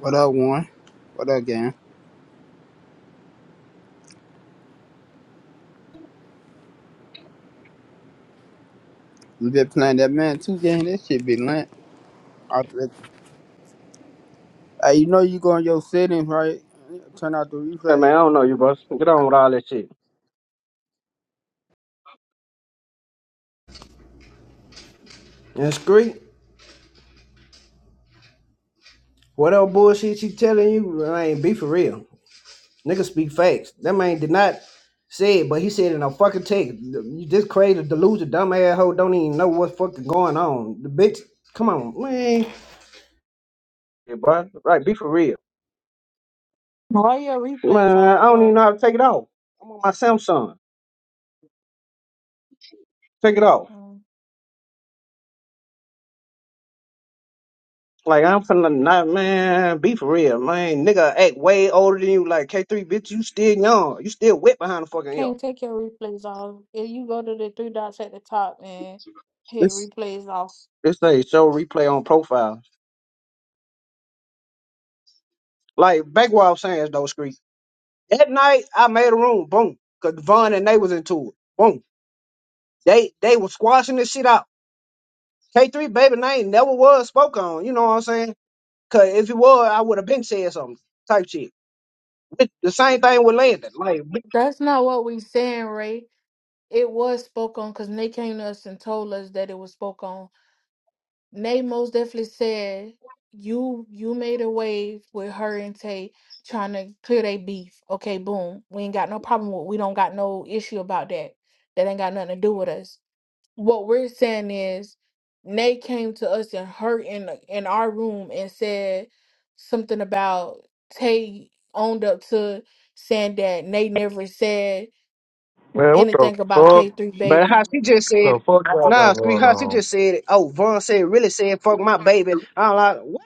What up, one? What up, gang? You been playing that man two game? That shit be lit. I- Hey, you know you go in your settings, right? Turn out the Hey replay. man, I don't know you, bro. Get on with all that shit. That's great. What else bullshit she telling you? I ain't be for real. niggas speak facts. That man did not say it, but he said it in a fucking text. You just crazy, delusional, dumb ass hoe don't even know what's fucking going on. The bitch, come on, man. Yeah, bro. Right, be for real. Why your replays Man, on I don't even for? know how to take it off. I'm on my Samsung. Take it off. Um, Like I'm finna not man, be for real, man. Nigga act way older than you, like K3, bitch. You still young. You still wet behind the I fucking can't ear. take your replays off. If you go to the three dots at the top and hit replays off. This thing show replay on profile. Like back what I was saying though, Screek. That night I made a room, boom. Cause Von and they was into it. Boom. They they was squashing this shit out. K3 baby name never was spoke on, you know what I'm saying? Cause if it was, I would have been said something type shit. But the same thing with Landon. Like That's not what we saying, Ray. It was spoke on because Nate came to us and told us that it was spoke on. Nate most definitely said you you made a wave with her and Tay trying to clear their beef. Okay, boom. We ain't got no problem with we don't got no issue about that. That ain't got nothing to do with us. what we're saying is Nay came to us and her in in our room and said something about Tay owned up to saying that Nay never said Man, what the anything about fuck? K three but baby. how she just said The it. fuck y'all got Nah, Screek, going how she on? just said it. Oh, Von said really said fuck my baby. I'm like, what?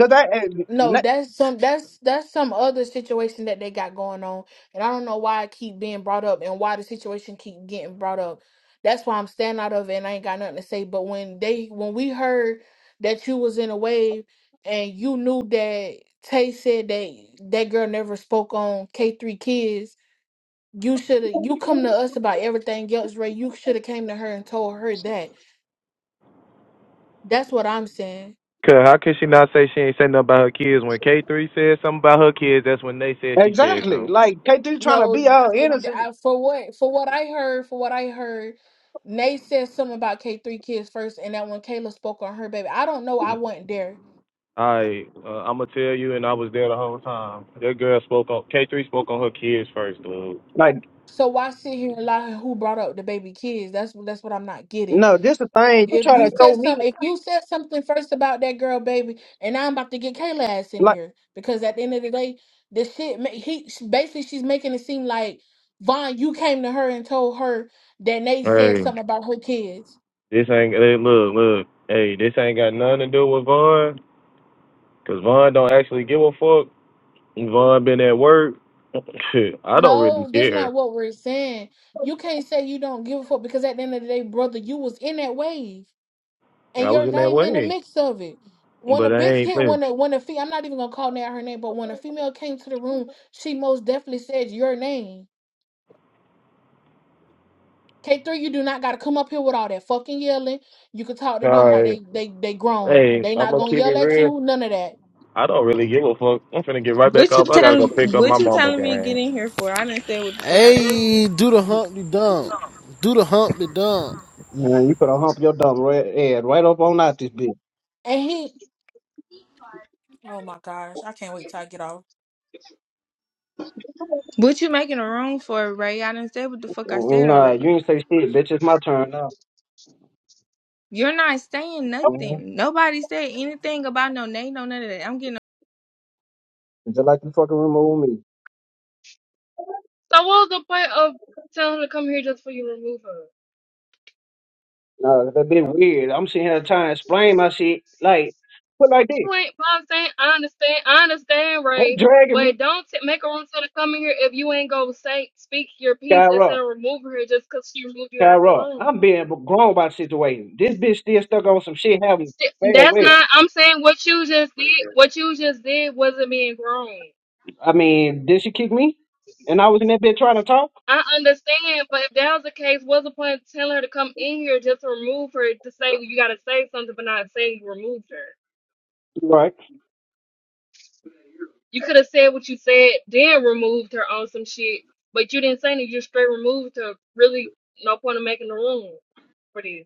Cause that eh, No, na- that's some that's that's some other situation that they got going on, and I don't know why I keep being brought up and why the situation keep getting brought up. That's why I'm staying out of it, and I ain't got nothing to say. But when they when we heard that you was in a wave, and you knew that Tay said that that girl never spoke on K three kids, you should have you come to us about everything else, Ray. You should have came to her and told her that. That's what I'm saying. Cause how can she not say she ain't say nothing about her kids? When K three said something about her kids, that's when they said she said exactly. something. Like K3 trying to No, be all it- innocent. I- for what for what I heard, for what I heard, Nay said something about K three kids first, and that when Kayla spoke on her baby, I don't know, I Mm. wasn't there. Alright, uh, I'ma tell you, and I was there the whole time. That girl spoke on K three spoke on her kids first, dude. Like. So why sit here and lie? Who brought up the baby kids? That's that's what I'm not getting. No, this the thing. You If try you to throw said some, me if you said something first about that girl baby, and I'm about to get Kayla ass in like here because at the end of the day, the shit ma- he basically she's making it seem like Vaughn, you came to her and told her that Nay said Hey, something about her kids. this ain't hey, look look. Hey, this ain't got nothing to do with Vaughn, cause Vaughn don't actually give a fuck. Vaughn been at work. Shit, I don't really No, that's not care. what we're saying. You can't say you don't give a fuck because at the end of the day, brother, you was in that wave and I your was in that name in the way, mix of it. When a but I bitch ain't hit, playing. when a when a fe I'm not even gonna call out her name, but when a female came to the room, she most definitely said your name. K3, you do not gotta come up here with all that fucking yelling. You can talk to All them like right. they they they grown. Hey, They I'm not gonna gonna keep it yell at real. you, none of that. I don't really give a fuck. I'm finna get right back What you up. I gotta telling? go pick up my What you mama, telling me to gang. get in here for? I didn't say what the fuck I. Hey, do the hump the dump. Do the hump the dump. man, you could hump your dumb red head right up on out this bitch. And he, Oh my gosh, I can't wait till I get off. What you making a room for, Ray? I didn't say what the fuck I Mm, said Nah, already. you ain't say shit, bitch. It's my turn now. You're not saying Man, nothing. Nobody said anything about no name, no none of that. I'm getting just like you fucking remove me. So what was the point of telling her to come here just for you to remove her? Nah, that bit weird. I'm sitting here trying to explain my shit. Like, put like this. You ain't. But I'm saying I understand. I understand, They Ray. dragging me, But don't t- make her want to come in here if you ain't gonna say speak your piece instead Kyra, of remove her just because she removed you out the Kyra. I'm room. being grown by the situation. This bitch still stuck on some shit having Sti- bad That's way. not. I'm saying what you just did. What you just did wasn't being grown. I mean, did she kick me? And I was in that bitch trying to talk. I understand, but if that was the case, what's the point of telling her to come in here just to remove her to say you gotta say something, but not say you removed her? Right. You could have said what you said, then removed her on some shit, but you didn't say anything. You just straight removed her. Really, no point in making the room for this.